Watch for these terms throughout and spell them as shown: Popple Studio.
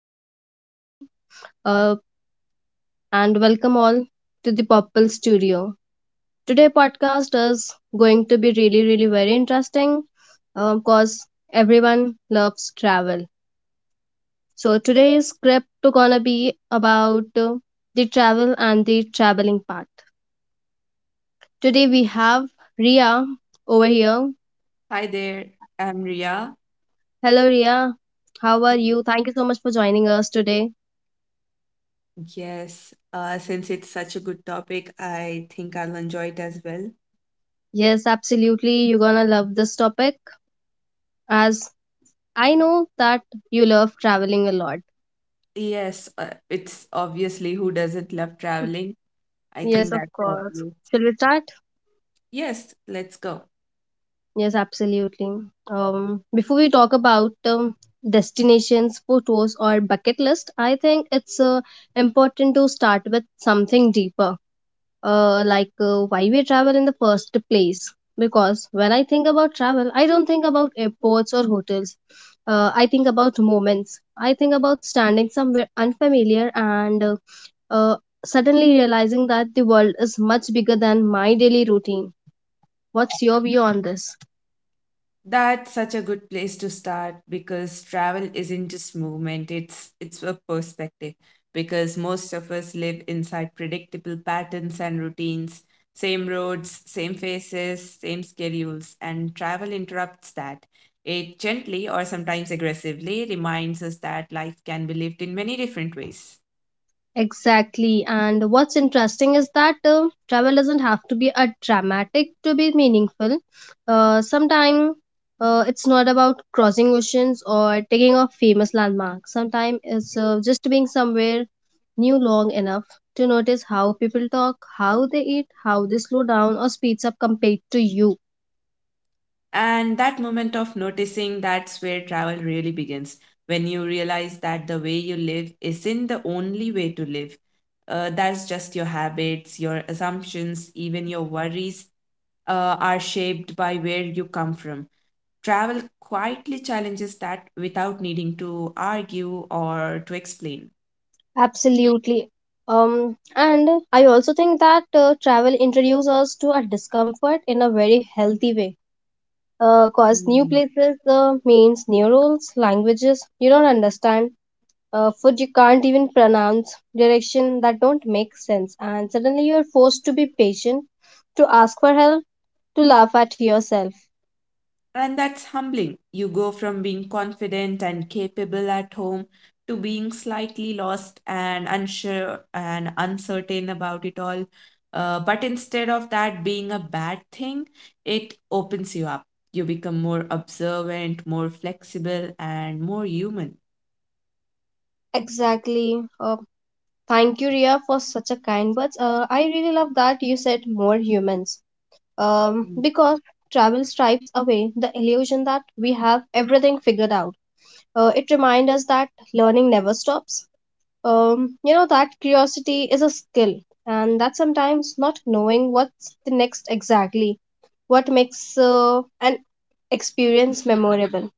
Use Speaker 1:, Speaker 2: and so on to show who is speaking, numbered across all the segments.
Speaker 1: is your Rosie, uh, and welcome all to the Popple Studio. Today podcast is going to be really, really very interesting, because everyone loves travel. So today's script gonna be about the travel and the traveling part. Today we have Ria over here.
Speaker 2: Hi there, I'm Ria.
Speaker 1: Hello Ria, how are you? Thank you so much for joining us today.
Speaker 2: Yes, since it's such a good topic, I think I'll enjoy it as well.
Speaker 1: Yes, absolutely. You're gonna love this topic, as I know that you love traveling a lot.
Speaker 2: Yes, it's obviously who doesn't love traveling? I
Speaker 1: Yes,
Speaker 2: think
Speaker 1: of
Speaker 2: that's
Speaker 1: course.
Speaker 2: obvious.
Speaker 1: Shall we start?
Speaker 2: Yes, let's go.
Speaker 1: Yes, absolutely. Before we talk about destinations, photos, or bucket list, I think it's important to start with something deeper, why we travel in the first place. Because when I think about travel, I don't think about airports or hotels. I think about moments. I think about standing somewhere unfamiliar and uh, suddenly realizing that the world is much bigger than my daily routine. What's your view on this?
Speaker 2: That's such a good place to start because travel isn't just movement, it's a perspective because most of us live inside predictable patterns and routines, same roads, same faces, same schedules, and travel interrupts that. It gently or sometimes aggressively reminds us that life can be lived in many different ways.
Speaker 1: Exactly. And what's interesting is that travel doesn't have to be a dramatic to be meaningful. Sometimes it's not about crossing oceans or taking off famous landmarks. Sometimes it's just being somewhere new long enough to notice how people talk, how they eat, how they slow down or speeds up compared to you.
Speaker 2: And that moment of noticing, that's where travel really begins. When you realize that the way you live isn't the only way to live, that's just your habits, your assumptions, even your worries are shaped by where you come from. Travel quietly challenges that without needing to argue or to explain.
Speaker 1: Absolutely. And I also think that travel introduces us to a discomfort in a very healthy way. Cause new places means new rules, languages you don't understand, food you can't even pronounce, direction that don't make sense, and suddenly you're forced to be patient, to ask for help, to laugh at yourself.
Speaker 2: And that's humbling. You go from being confident and capable at home to being slightly lost and unsure and uncertain about it all. But instead of that being a bad thing, it opens you up. You become more observant, more flexible, and more human.
Speaker 1: Exactly. Thank you, Ria, for such a kind words. I really love that you said more humans,
Speaker 2: Mm.
Speaker 1: because travel stripes away the illusion that we have everything figured out. It reminds us that learning never stops. You know that curiosity is a skill, and that sometimes not knowing what's the next exactly, what makes an experience memorable.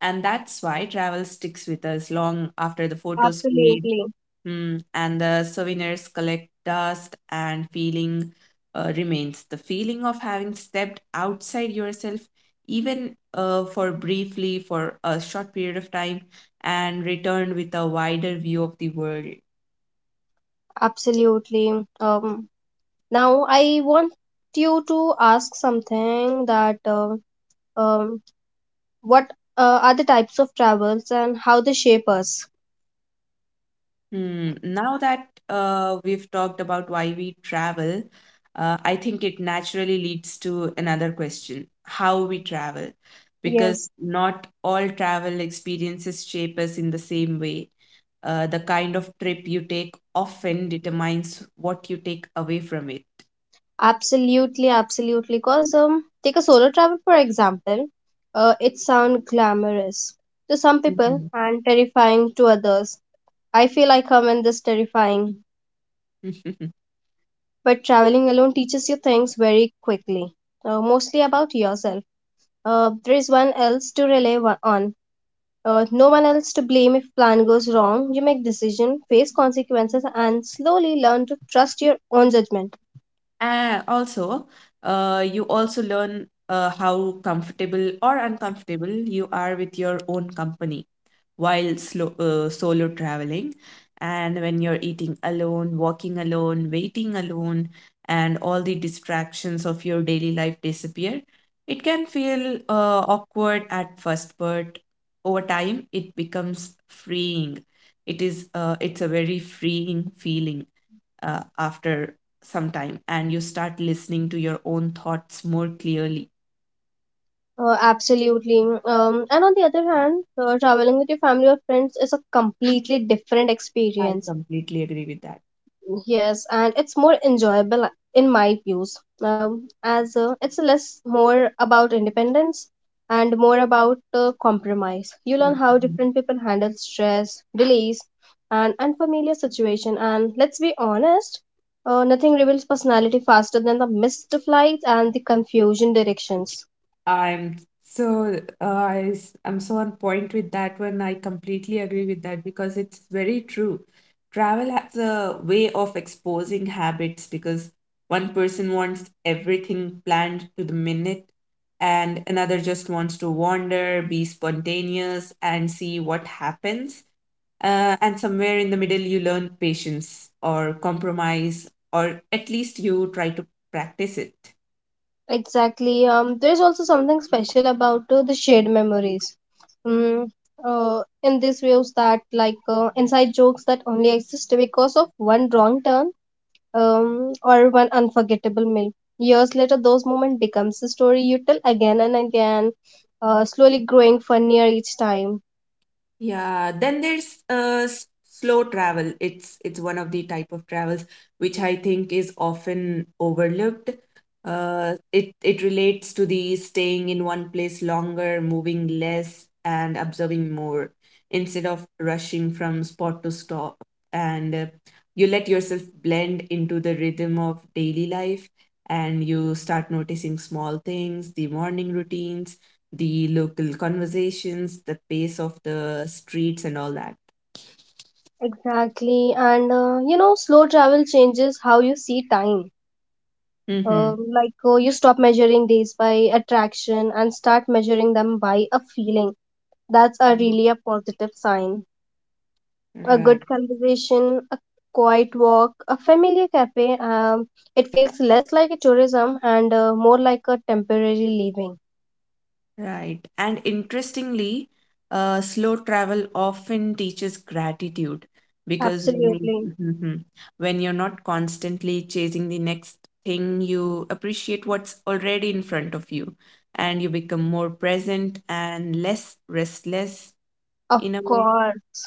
Speaker 2: And that's why travel sticks with us long after the photos fade.
Speaker 1: Absolutely.
Speaker 2: Hmm, and the souvenirs collect dust and feeling remains. The feeling of having stepped outside yourself, even for briefly, for a short period of time, and returned with a wider view of the world.
Speaker 1: Absolutely. Now, I want you to ask something that. Um, what are the types of travels and how they shape us?
Speaker 2: Hmm. Now that we've talked about why we travel, I think it naturally leads to another question, how we travel, because
Speaker 1: Yes,
Speaker 2: not all travel experiences shape us in the same way. The kind of trip you take often determines what you take away from it.
Speaker 1: absolutely, absolutely. Cause take a solo travel for example. It sounds glamorous to some people
Speaker 2: Mhm.
Speaker 1: and terrifying to others. I feel like I'm in this terrifying, but traveling alone teaches you things very quickly, mostly about yourself. There is one else to rely on. No one else to blame if plan goes wrong. You make decision, face consequences, and slowly learn to trust your own judgment.
Speaker 2: And also, you also learn how comfortable or uncomfortable you are with your own company while solo traveling. And when you're eating alone, walking alone, waiting alone, and all the distractions of your daily life disappear, it can feel awkward at first, but over time it becomes freeing. It is it's a very freeing feeling after some time, and you start listening to your own thoughts more clearly.
Speaker 1: Absolutely. And on the other hand, traveling with your family or friends is a completely different
Speaker 2: I
Speaker 1: experience.
Speaker 2: completely agree with
Speaker 1: Yes, and it's more enjoyable in my views, as it's less more about independence and more about compromise. You learn
Speaker 2: that.
Speaker 1: how different people handle stress, delays, and unfamiliar situation. And let's be honest, nothing reveals personality faster than the missed flights and the confusion directions.
Speaker 2: I'm so I'm so on point with that one. I completely agree with that because it's very true. Travel has a way of exposing habits because one person wants everything planned to the minute, and another just wants to wander, be spontaneous, and see what happens. And somewhere in the middle, you learn patience or compromise, or at least you try to practice it.
Speaker 1: Exactly. There's also something special about the shared memories. Mm, in this views that like inside jokes that only exist because of one wrong turn, or one unforgettable meal. Years later, those moments becomes a story you tell again and again, slowly growing funnier each time.
Speaker 2: Yeah, then there's slow travel. It's one of the type of travels which I think is often overlooked. It relates to the staying in one place longer, moving less, and observing more instead of rushing from spot to stop. And You let yourself blend into the rhythm of daily life, and you start noticing small things, the morning routines, the local conversations, the pace of the streets, and all that.
Speaker 1: Exactly. And you know, slow travel changes how you see time.
Speaker 2: Mm-hmm.
Speaker 1: You stop measuring these by attraction and start measuring them by a feeling. That's a really a positive sign. A
Speaker 2: Right.
Speaker 1: good conversation, a quiet walk, a familiar cafe. It feels less like a tourism and more like a temporary living.
Speaker 2: Right. And interestingly, slow travel often teaches gratitude because when you—
Speaker 1: Absolutely,
Speaker 2: Mhm. When you're not constantly chasing the next thing, you appreciate what's already in front of you, and you become more present and less restless
Speaker 1: of
Speaker 2: in a way.
Speaker 1: course.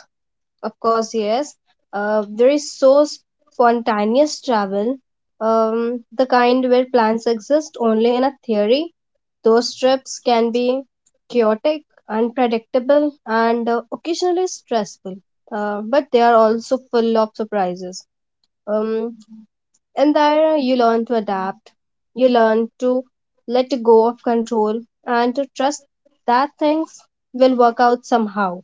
Speaker 1: Of course, yes. There is so spontaneous travel, the kind where plans exist only in a theory. Those trips can be chaotic, unpredictable, and occasionally stressful, but they are also full of surprises. Um, and there you learn to adapt, you learn to let go of control, and to trust that things will work out somehow.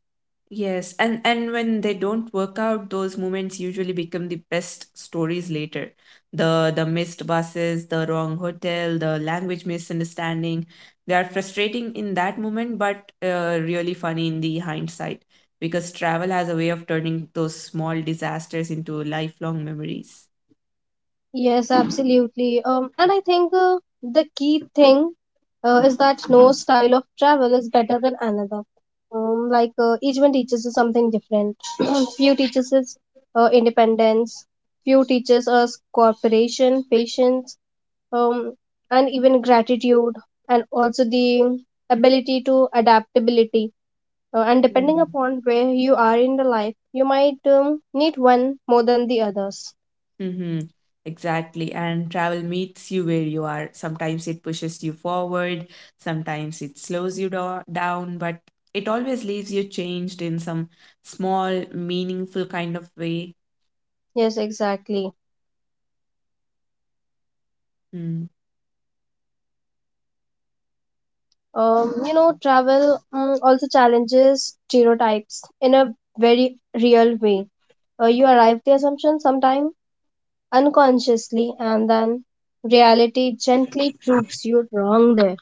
Speaker 2: Yes, and when they don't work out, those moments usually become the best stories later. The missed buses, the wrong hotel, the language misunderstanding. They are frustrating in that moment, but really funny in the hindsight, because travel has a way of turning those small disasters into lifelong memories.
Speaker 1: Yes, absolutely. And I think the key thing is that no style of travel is better than another. Each one teaches us something different. Few teaches us independence. Few teaches us cooperation, patience, um, and even gratitude, and also the ability to adaptability. And depending upon where you are in the life, you might need one more than the others.
Speaker 2: Mm-hmm. Exactly. And travel meets you where you are. Sometimes it pushes you forward, sometimes it slows you down, but it always leaves you changed in some small, meaningful kind of way.
Speaker 1: Yes, exactly.
Speaker 2: Hmm.
Speaker 1: You know, travel also challenges stereotypes in a very real way. You arrive the assumption sometime unconsciously, and then reality gently proves you wrong there.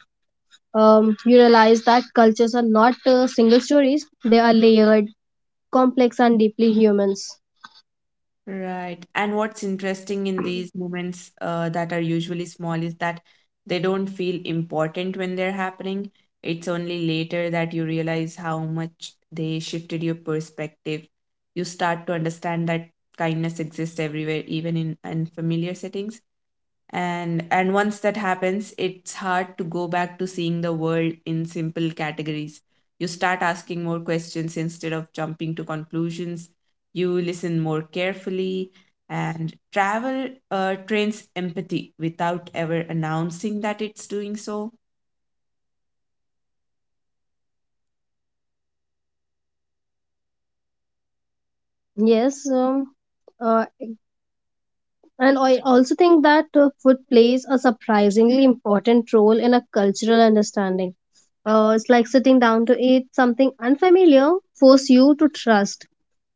Speaker 1: You realize that cultures are not single stories; they are layered, complex, and deeply humans.
Speaker 2: Right. And what's interesting in these moments, that are usually small, is that they don't feel important when they're happening. It's only later that you realize how much they shifted your perspective. You start to understand that kindness exists everywhere, even in unfamiliar settings, and once that happens, it's hard to go back to seeing the world in simple categories. You start asking more questions instead of jumping to conclusions. You listen more carefully, and travel trains empathy without ever announcing that it's doing so.
Speaker 1: Yes, um, uh, And I also think that food plays a surprisingly important role in a cultural understanding. It's like sitting down to eat something unfamiliar, force you to trust.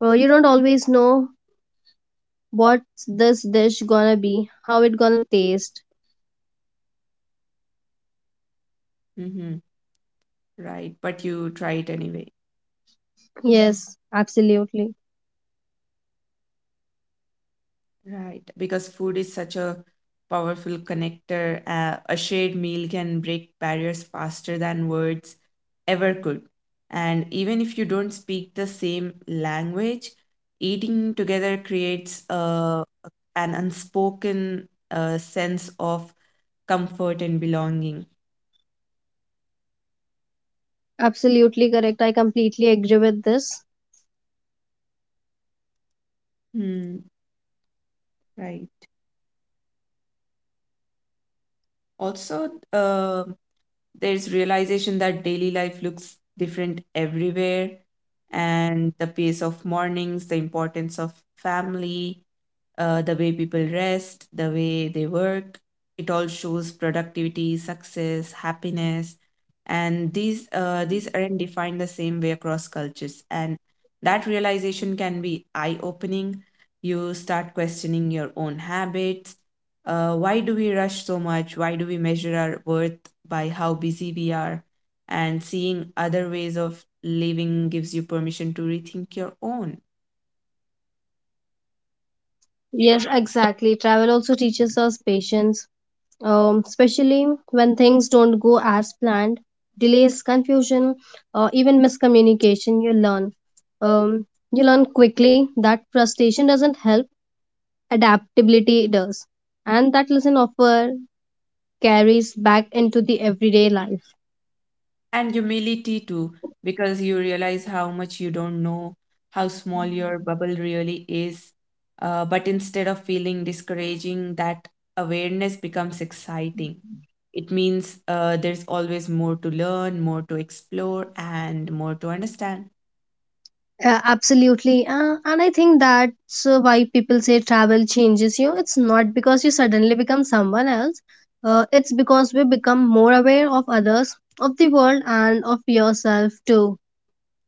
Speaker 1: You don't always know what's this dish gonna be, how it gonna taste.
Speaker 2: Hmm. Right, but you try it anyway.
Speaker 1: Yes, absolutely.
Speaker 2: Right, because food is such a powerful connector. A shared meal can break barriers faster than words ever could. And even if you don't speak the same language, eating together creates an unspoken sense of comfort and belonging.
Speaker 1: Absolutely correct. I completely agree with this.
Speaker 2: Hmm, right. Also, there's realization that daily life looks different everywhere, and the pace of mornings, the importance of family, the way people rest, the way they work. It all shows productivity, success, happiness, and these aren't defined the same way across cultures. And that realization can be eye opening. You start questioning your own habits. Why do we rush so much? Why do we measure our worth by how busy we are? And seeing other ways of living gives you permission to rethink your own.
Speaker 1: Yes, exactly. Travel also teaches us patience, especially when things don't go as planned, delays, confusion, or even miscommunication, you learn. Um, you learn quickly that frustration doesn't help, adaptability does. And that lesson offer carries back into the everyday life.
Speaker 2: And humility too, because you realize how much you don't know, how small your bubble really is. But instead of feeling discouraging, that awareness becomes exciting. It means there's always more to learn, more to explore, and more to understand.
Speaker 1: Absolutely. And I think that's why people say travel changes you. It's not because you suddenly become someone else, it's because we become more aware of others, of the world, and of yourself too.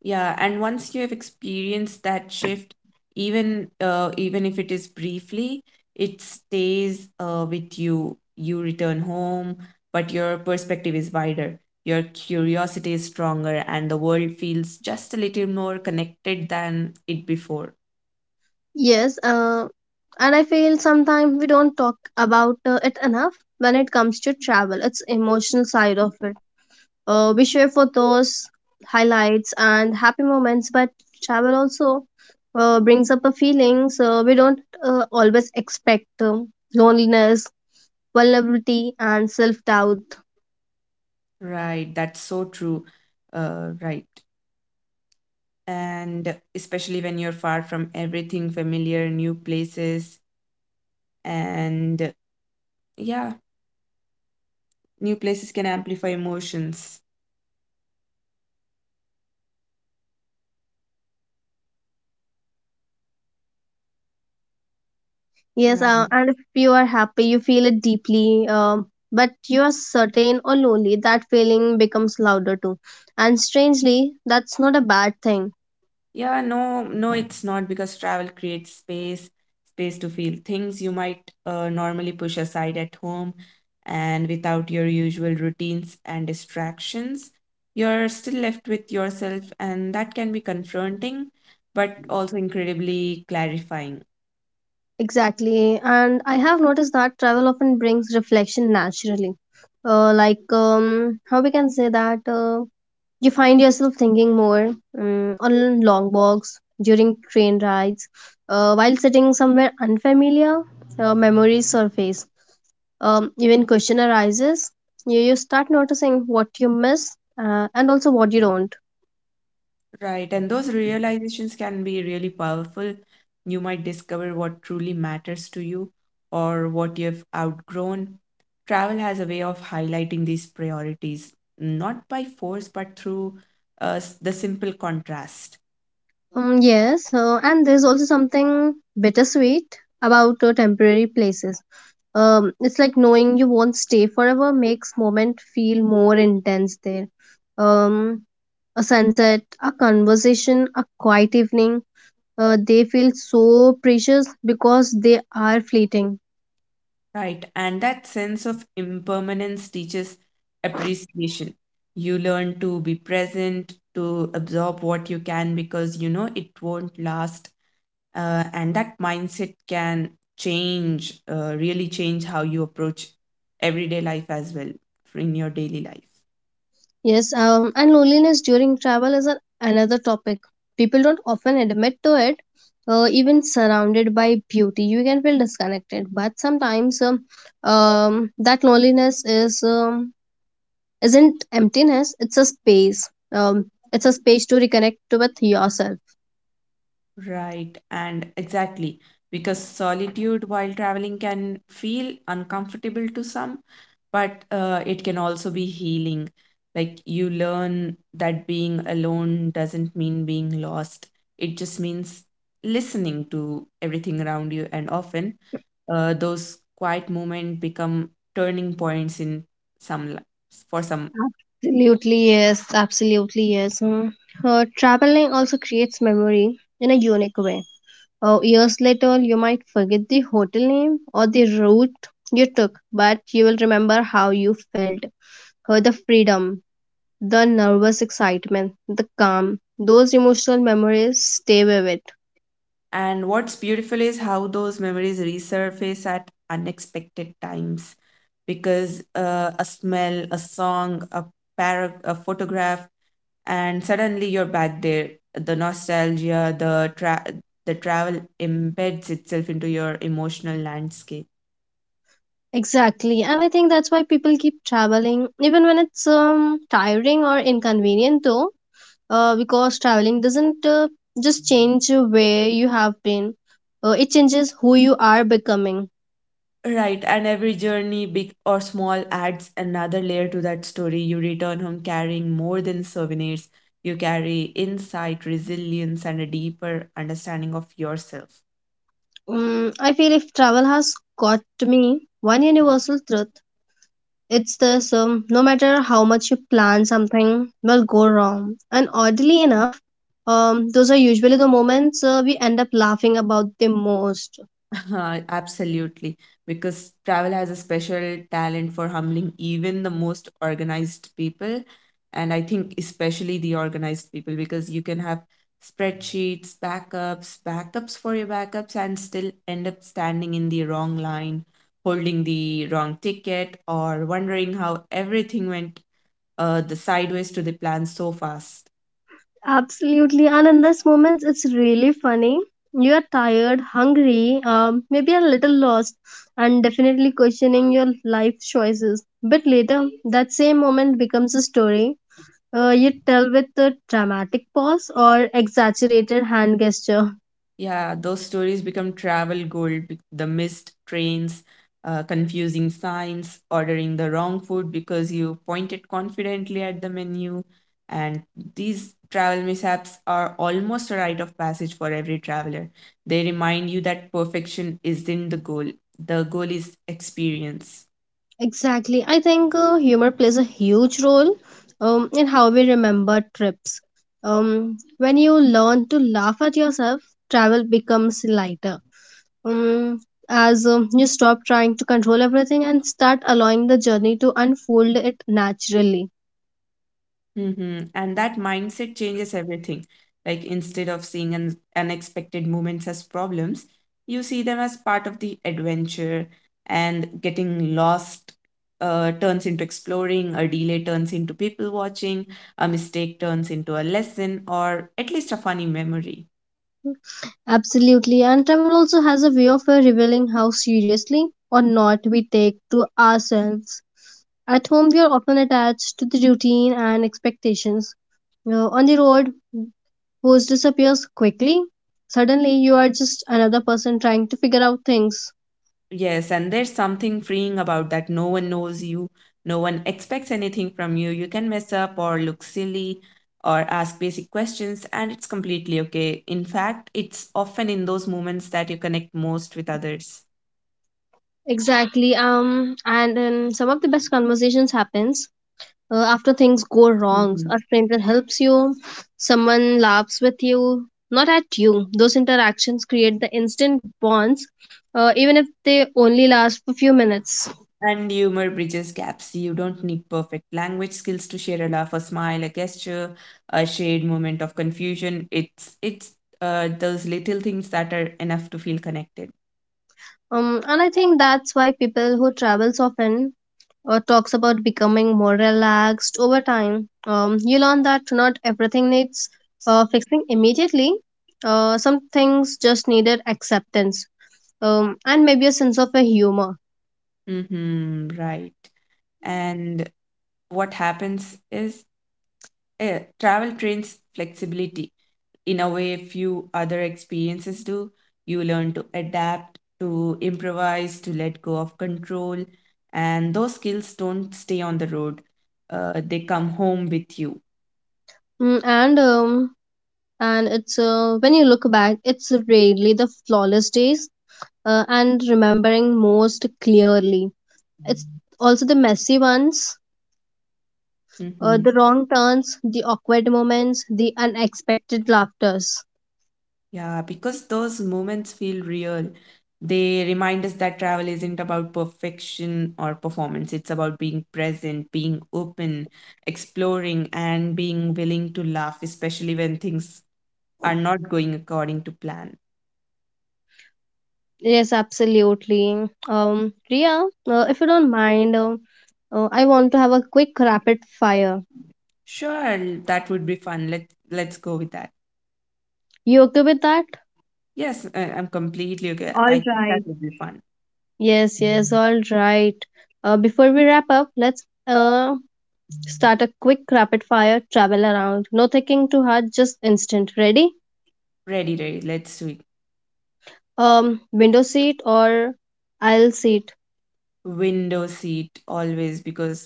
Speaker 2: Yeah, and once you have experienced that shift, even if it is briefly, it stays with you. You return home, but your perspective is wider. Your curiosity is stronger, and the world feels just a little more connected than it before.
Speaker 1: Yes, and I feel sometimes we don't talk about it enough when it comes to travel. It's emotional side of it. We share photos, highlights, and happy moments, but travel also brings up a feeling so we don't always expect loneliness, vulnerability, and self doubt.
Speaker 2: Right, that's so true. Right. And especially when you're far from everything familiar, new places, and, yeah, new places can amplify emotions.
Speaker 1: Yes,
Speaker 2: Right.
Speaker 1: and if you are happy, you feel it deeply. But you are certain or lonely, that feeling becomes louder too. And strangely, that's not a bad thing.
Speaker 2: Yeah, no, no, it's not, because travel creates space, space to feel things you might normally push aside at home, and without your usual routines and distractions. You're still left with yourself, and that can be confronting, but also incredibly clarifying.
Speaker 1: Exactly. And I have noticed that travel often brings reflection naturally. How we can say that? You find yourself thinking more on long walks, during train rides, while sitting somewhere unfamiliar, memories surface. Even question arises. You start noticing what you miss, and also what you don't.
Speaker 2: Right, and those realizations can be really powerful. You might discover what truly matters to you, or what you've outgrown. Travel has a way of highlighting these priorities, not by force, but through the simple contrast.
Speaker 1: Yes, and there's also something bittersweet about temporary places. It's like knowing you won't stay forever makes moment feel more intense there. Um, a sunset, a conversation, a quiet evening. They feel so precious because they are fleeting.
Speaker 2: Right, and that sense of impermanence teaches appreciation. You learn to be present, to absorb what you can because you know it won't last, and that mindset can change really change how you approach everyday life as well, in your daily life.
Speaker 1: Yes, and loneliness during travel is an, another topic. People don't often admit to it. Even surrounded by beauty, you can feel disconnected. But sometimes that loneliness is, isn't emptiness. It's a space. Um, it's a space to reconnect with yourself.
Speaker 2: Right, and exactly. Because solitude while traveling can feel uncomfortable to some, but it can also be healing. Like, you learn that being alone doesn't mean being lost, it just means listening to everything around you. And often, those quiet moments become turning points in some li- for some.
Speaker 1: Absolutely, yes. Absolutely, yes. Mm. Traveling also creates memory in a unique way. Years later, you might forget the hotel name or the route you took, but you will remember how you felt. The freedom, the nervous excitement, the calm. Those emotional memories stay vivid.
Speaker 2: And what's beautiful is how those memories resurface at unexpected times, because a smell, a song, a, a photograph, and suddenly you're back there. The nostalgia, the travel embeds itself into your emotional landscape.
Speaker 1: Exactly, and I think that's why people keep traveling, even when it's tiring or inconvenient, though. Because traveling doesn't just change where you have been, it changes who you are becoming.
Speaker 2: Right, and every journey, big or small, adds another layer to that story. You return home carrying more than souvenirs, you carry insight, resilience, and a deeper understanding of yourself.
Speaker 1: I feel if travel has got to me one universal truth, it's this, no matter how much you plan, something will go wrong. And oddly enough, those are usually the moments we end up laughing about the most.
Speaker 2: Absolutely, because travel has a special talent for humbling even the most organized people. And I think especially the organized people, because you can have spreadsheets, backups, backups for your backups, and still end up standing in the wrong line, holding the wrong ticket, or wondering how everything went the sideways to the plan so fast.
Speaker 1: Absolutely, and in those moments, it's really funny. You are tired, hungry, maybe a little lost, and definitely questioning your life choices. But later, that same moment becomes a story you tell with a dramatic pause or exaggerated hand gesture.
Speaker 2: Yeah, those stories become travel gold. The missed trains, confusing signs, ordering the wrong food because you pointed confidently at the menu. And these travel mishaps are almost a rite of passage for every traveler. They remind you that perfection isn't the goal is experience.
Speaker 1: Exactly. I think humor plays a huge role in how we remember trips. When you learn to laugh at yourself, travel becomes lighter, um, as you stop trying to control everything and start allowing the journey to unfold it naturally.
Speaker 2: Mm-hmm. And that mindset changes everything. Like, instead of seeing unexpected moments as problems, you see them as part of the adventure, and getting lost turns into exploring, a delay turns into people watching, a mistake turns into a lesson, or at least a funny memory.
Speaker 1: Absolutely, and travel also has a way of revealing how seriously or not we take to ourselves. At home, we are often attached to the routine and expectations. On the road, host disappears quickly. Suddenly, you are just another person trying to figure out things.
Speaker 2: Yes, and there's something freeing about that. No one knows you, no one expects anything from you. You can mess up or look silly or ask basic questions, and it's completely okay. In fact, it's often in those moments that you connect most with others.
Speaker 1: Exactly. And Some of the best conversations happens after things go wrong.
Speaker 2: Mhm.
Speaker 1: A stranger helps you, someone laughs with you, not at you. Those interactions create the instant bonds, even if they only last for a few minutes.
Speaker 2: And humor bridges gaps. You don't need perfect language skills to share a laugh, a smile, a gesture, a shared moment of confusion. It's Those little things that are enough to feel connected.
Speaker 1: And I think that's why people who travels often talks about becoming more relaxed over time. You learn that not everything needs fixing immediately. Some things just needed acceptance, and maybe a sense of a humor.
Speaker 2: Mm-hmm, right. And what happens is, travel trains flexibility in a way few other experiences do. You learn to adapt, to improvise, to let go of control, and those skills don't stay on the road. They come home with you.
Speaker 1: Mm, and it's When you look back, it's rarely the flawless days, and remembering most clearly, it's also the messy ones,
Speaker 2: Mhm.
Speaker 1: the wrong turns, the awkward moments, the unexpected laughters.
Speaker 2: Yeah, because those moments feel real. They remind us that travel isn't about perfection or performance. It's about being present, being open, exploring, and being willing to laugh, especially when things are not going according to plan.
Speaker 1: Yes, absolutely. Priya, if you don't mind, I want to have a quick rapid fire.
Speaker 2: Sure, that would be fun. Let's go with that.
Speaker 1: You okay with that?
Speaker 2: Yes, I'm completely okay.
Speaker 1: All
Speaker 2: I think that
Speaker 1: right,
Speaker 2: would be fun.
Speaker 1: yes, yes, all right. Before we wrap up, let's start a quick rapid fire, travel around. No thinking too hard, just instant. Ready?
Speaker 2: Ready, ready. Let's do it.
Speaker 1: Window seat or aisle seat?
Speaker 2: Window seat always because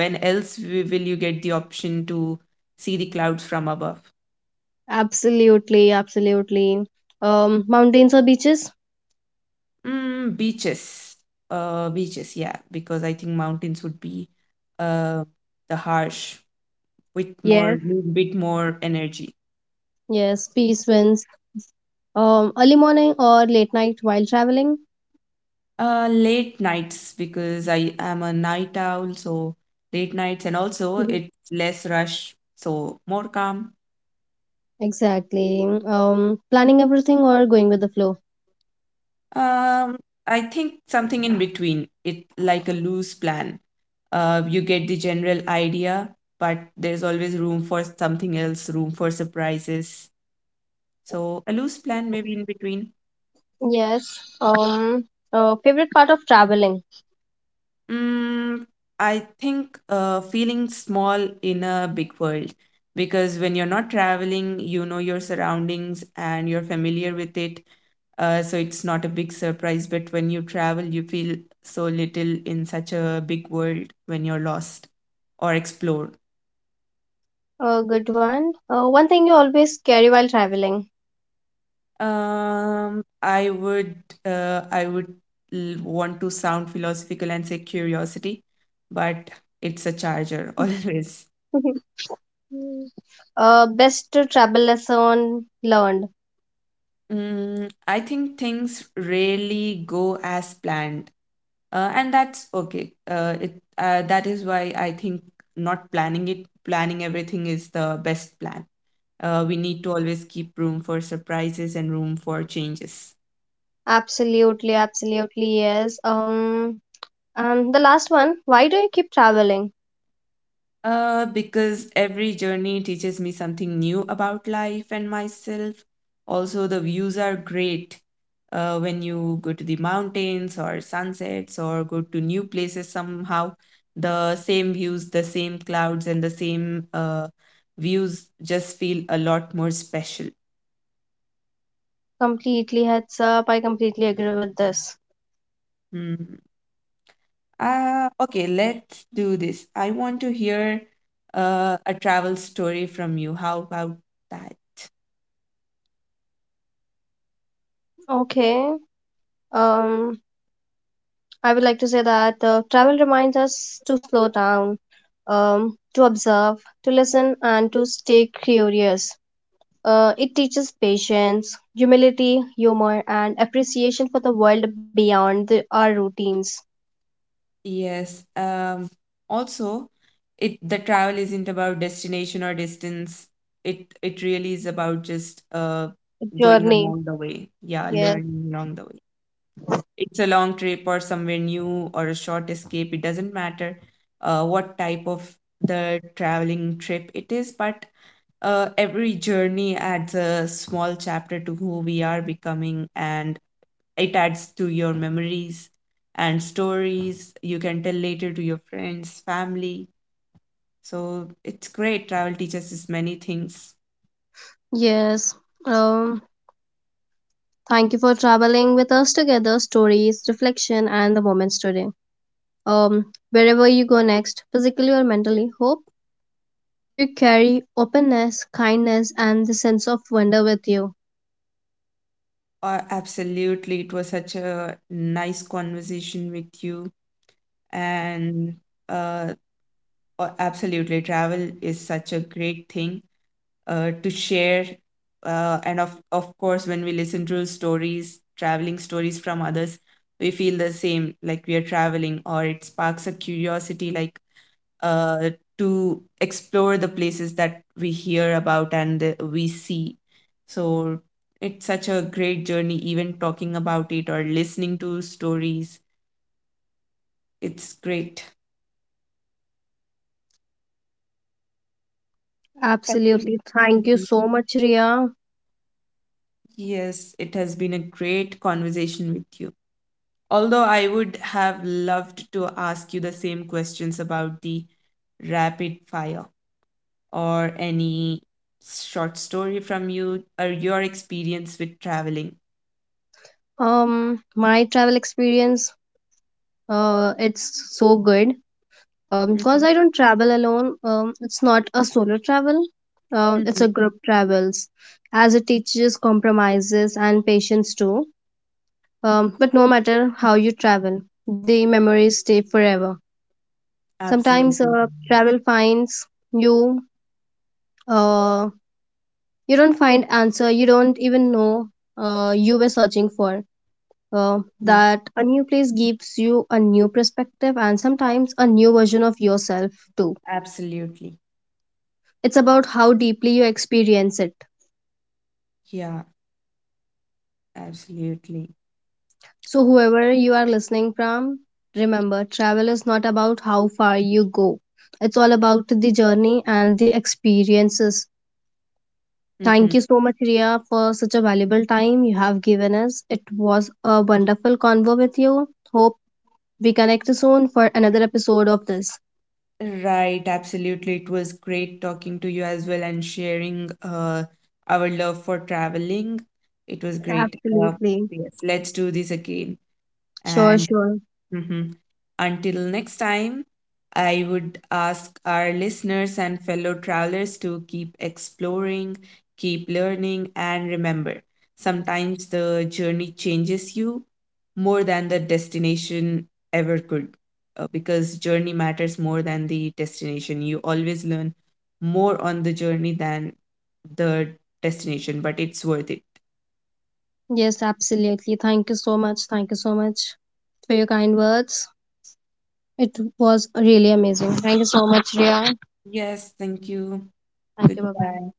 Speaker 2: will you get the option to see the clouds from above?
Speaker 1: Absolutely, absolutely. Mountains or beaches?
Speaker 2: Mm, beaches. Beaches, yeah, because I think mountains would be uh, the harsh with more,
Speaker 1: Yes,
Speaker 2: little bit more energy.
Speaker 1: yes. Peace wins. Early morning or late night while traveling?
Speaker 2: Late nights because I am a night owl, so late nights and also
Speaker 1: Mhm.
Speaker 2: it's less rush, so more calm.
Speaker 1: Exactly. Planning everything or going with the flow?
Speaker 2: Um, I think something in between. It like a loose plan. You get the general idea, but there's always room for something else, room for surprises. So a loose plan maybe in between.
Speaker 1: Yes. Um, Favorite part of traveling?
Speaker 2: Mm, I think feeling small in a big world because when you're not traveling, you know your surroundings and you're familiar with it. So it's not a big surprise, but when you travel, you feel so little in such a big world when you're lost or explore.
Speaker 1: A good one. One thing you always carry while traveling.
Speaker 2: Um, I would I would want to sound philosophical and say curiosity, but it's a charger always.
Speaker 1: Best travel lesson learned.
Speaker 2: Mm, I think things rarely go as planned, and that's okay. It That is why I think not planning planning everything is the best plan. We need to always keep room for surprises and room for changes.
Speaker 1: Absolutely, absolutely, yes. And the last one, why do you keep traveling?
Speaker 2: Because every journey teaches me something new about life and myself. Also, the views are great when you go to the mountains or sunsets or go to new places somehow. The same views, the same clouds, and the same views just feel a lot more special.
Speaker 1: Completely heads up. I completely agree with this.
Speaker 2: Hmm. Okay, let's do this. I want to hear a travel story from you. How about that?
Speaker 1: Okay. Um, I would like to say that travel reminds us to slow down, to observe, to listen, and to stay curious. It teaches patience, humility, humor, and appreciation for the world beyond the, our routines.
Speaker 2: Yes. Also, it the travel isn't about destination or distance. It really is about just going
Speaker 1: Journey.
Speaker 2: along the way. Yeah,
Speaker 1: Yes,
Speaker 2: learning along the way. It's a long trip or somewhere new or a short escape. It doesn't matter what type of the traveling trip it is, but every journey adds a small chapter to who we are becoming, and it adds to your memories and stories you can tell later to your friends family. So it's great, travel teaches us many things.
Speaker 1: yes. Um, Thank you for traveling with us together, stories, reflection, and the moments today. Wherever you go next, physically or mentally, hope you carry openness, kindness, and the sense of wonder with you.
Speaker 2: Absolutely, it was such a nice conversation with you, and uh, absolutely travel is such a great thing to share. And of course, when we listen to stories, traveling stories from others, we feel the same, like we are traveling, or it sparks a curiosity, like uh, to explore the places that we hear about and we see. So it's such a great journey, even talking about it or listening to stories. It's great. Thank you.
Speaker 1: Absolutely. Thank you
Speaker 2: Mhm.
Speaker 1: so much, Ria.
Speaker 2: Yes, it has been a great conversation with you. Although I would have loved to ask you the same questions about the rapid fire or any short story from you or your experience with traveling.
Speaker 1: My travel experience, it's so good. Because
Speaker 2: Mhm,
Speaker 1: I don't travel alone, it's not a solo travel. It's a
Speaker 2: mhm.
Speaker 1: group travels, as it teaches compromises and patience too. But no matter how you travel, the memories stay forever. Sometimes
Speaker 2: Absolutely.
Speaker 1: travel finds you. Uh, you don't find answer. You don't even know you were searching for.
Speaker 2: Mhm.
Speaker 1: That a new place gives you a new perspective and sometimes a new version of yourself too.
Speaker 2: Absolutely.
Speaker 1: It's about how deeply you experience it.
Speaker 2: Yeah, absolutely.
Speaker 1: So, whoever you are listening from, remember travel is not about how far you go, it's all about the journey and the experiences.
Speaker 2: Hmm.
Speaker 1: Thank you so much, Ria, for such a valuable time you have given us. It was a wonderful convo with you. Hope we connect soon for another episode of this.
Speaker 2: Right, absolutely. It was great talking to you as well and sharing our love for traveling. It was great.
Speaker 1: Absolutely.
Speaker 2: Yes, let's do this again.
Speaker 1: Sure,
Speaker 2: And
Speaker 1: sure.
Speaker 2: mhm. Until next time, I would ask our listeners and fellow travelers to keep exploring, keep learning, and remember sometimes the journey changes you more than the destination ever could. Because journey matters more than the destination. You always learn more on the journey than the destination, but it's worth it.
Speaker 1: Yes, absolutely. Thank you so much. Thank you so much for your kind words. It was really amazing. Thank you so much, Ria.
Speaker 2: Yes, thank you.
Speaker 1: Thank you. Bye bye.
Speaker 2: Goodbye.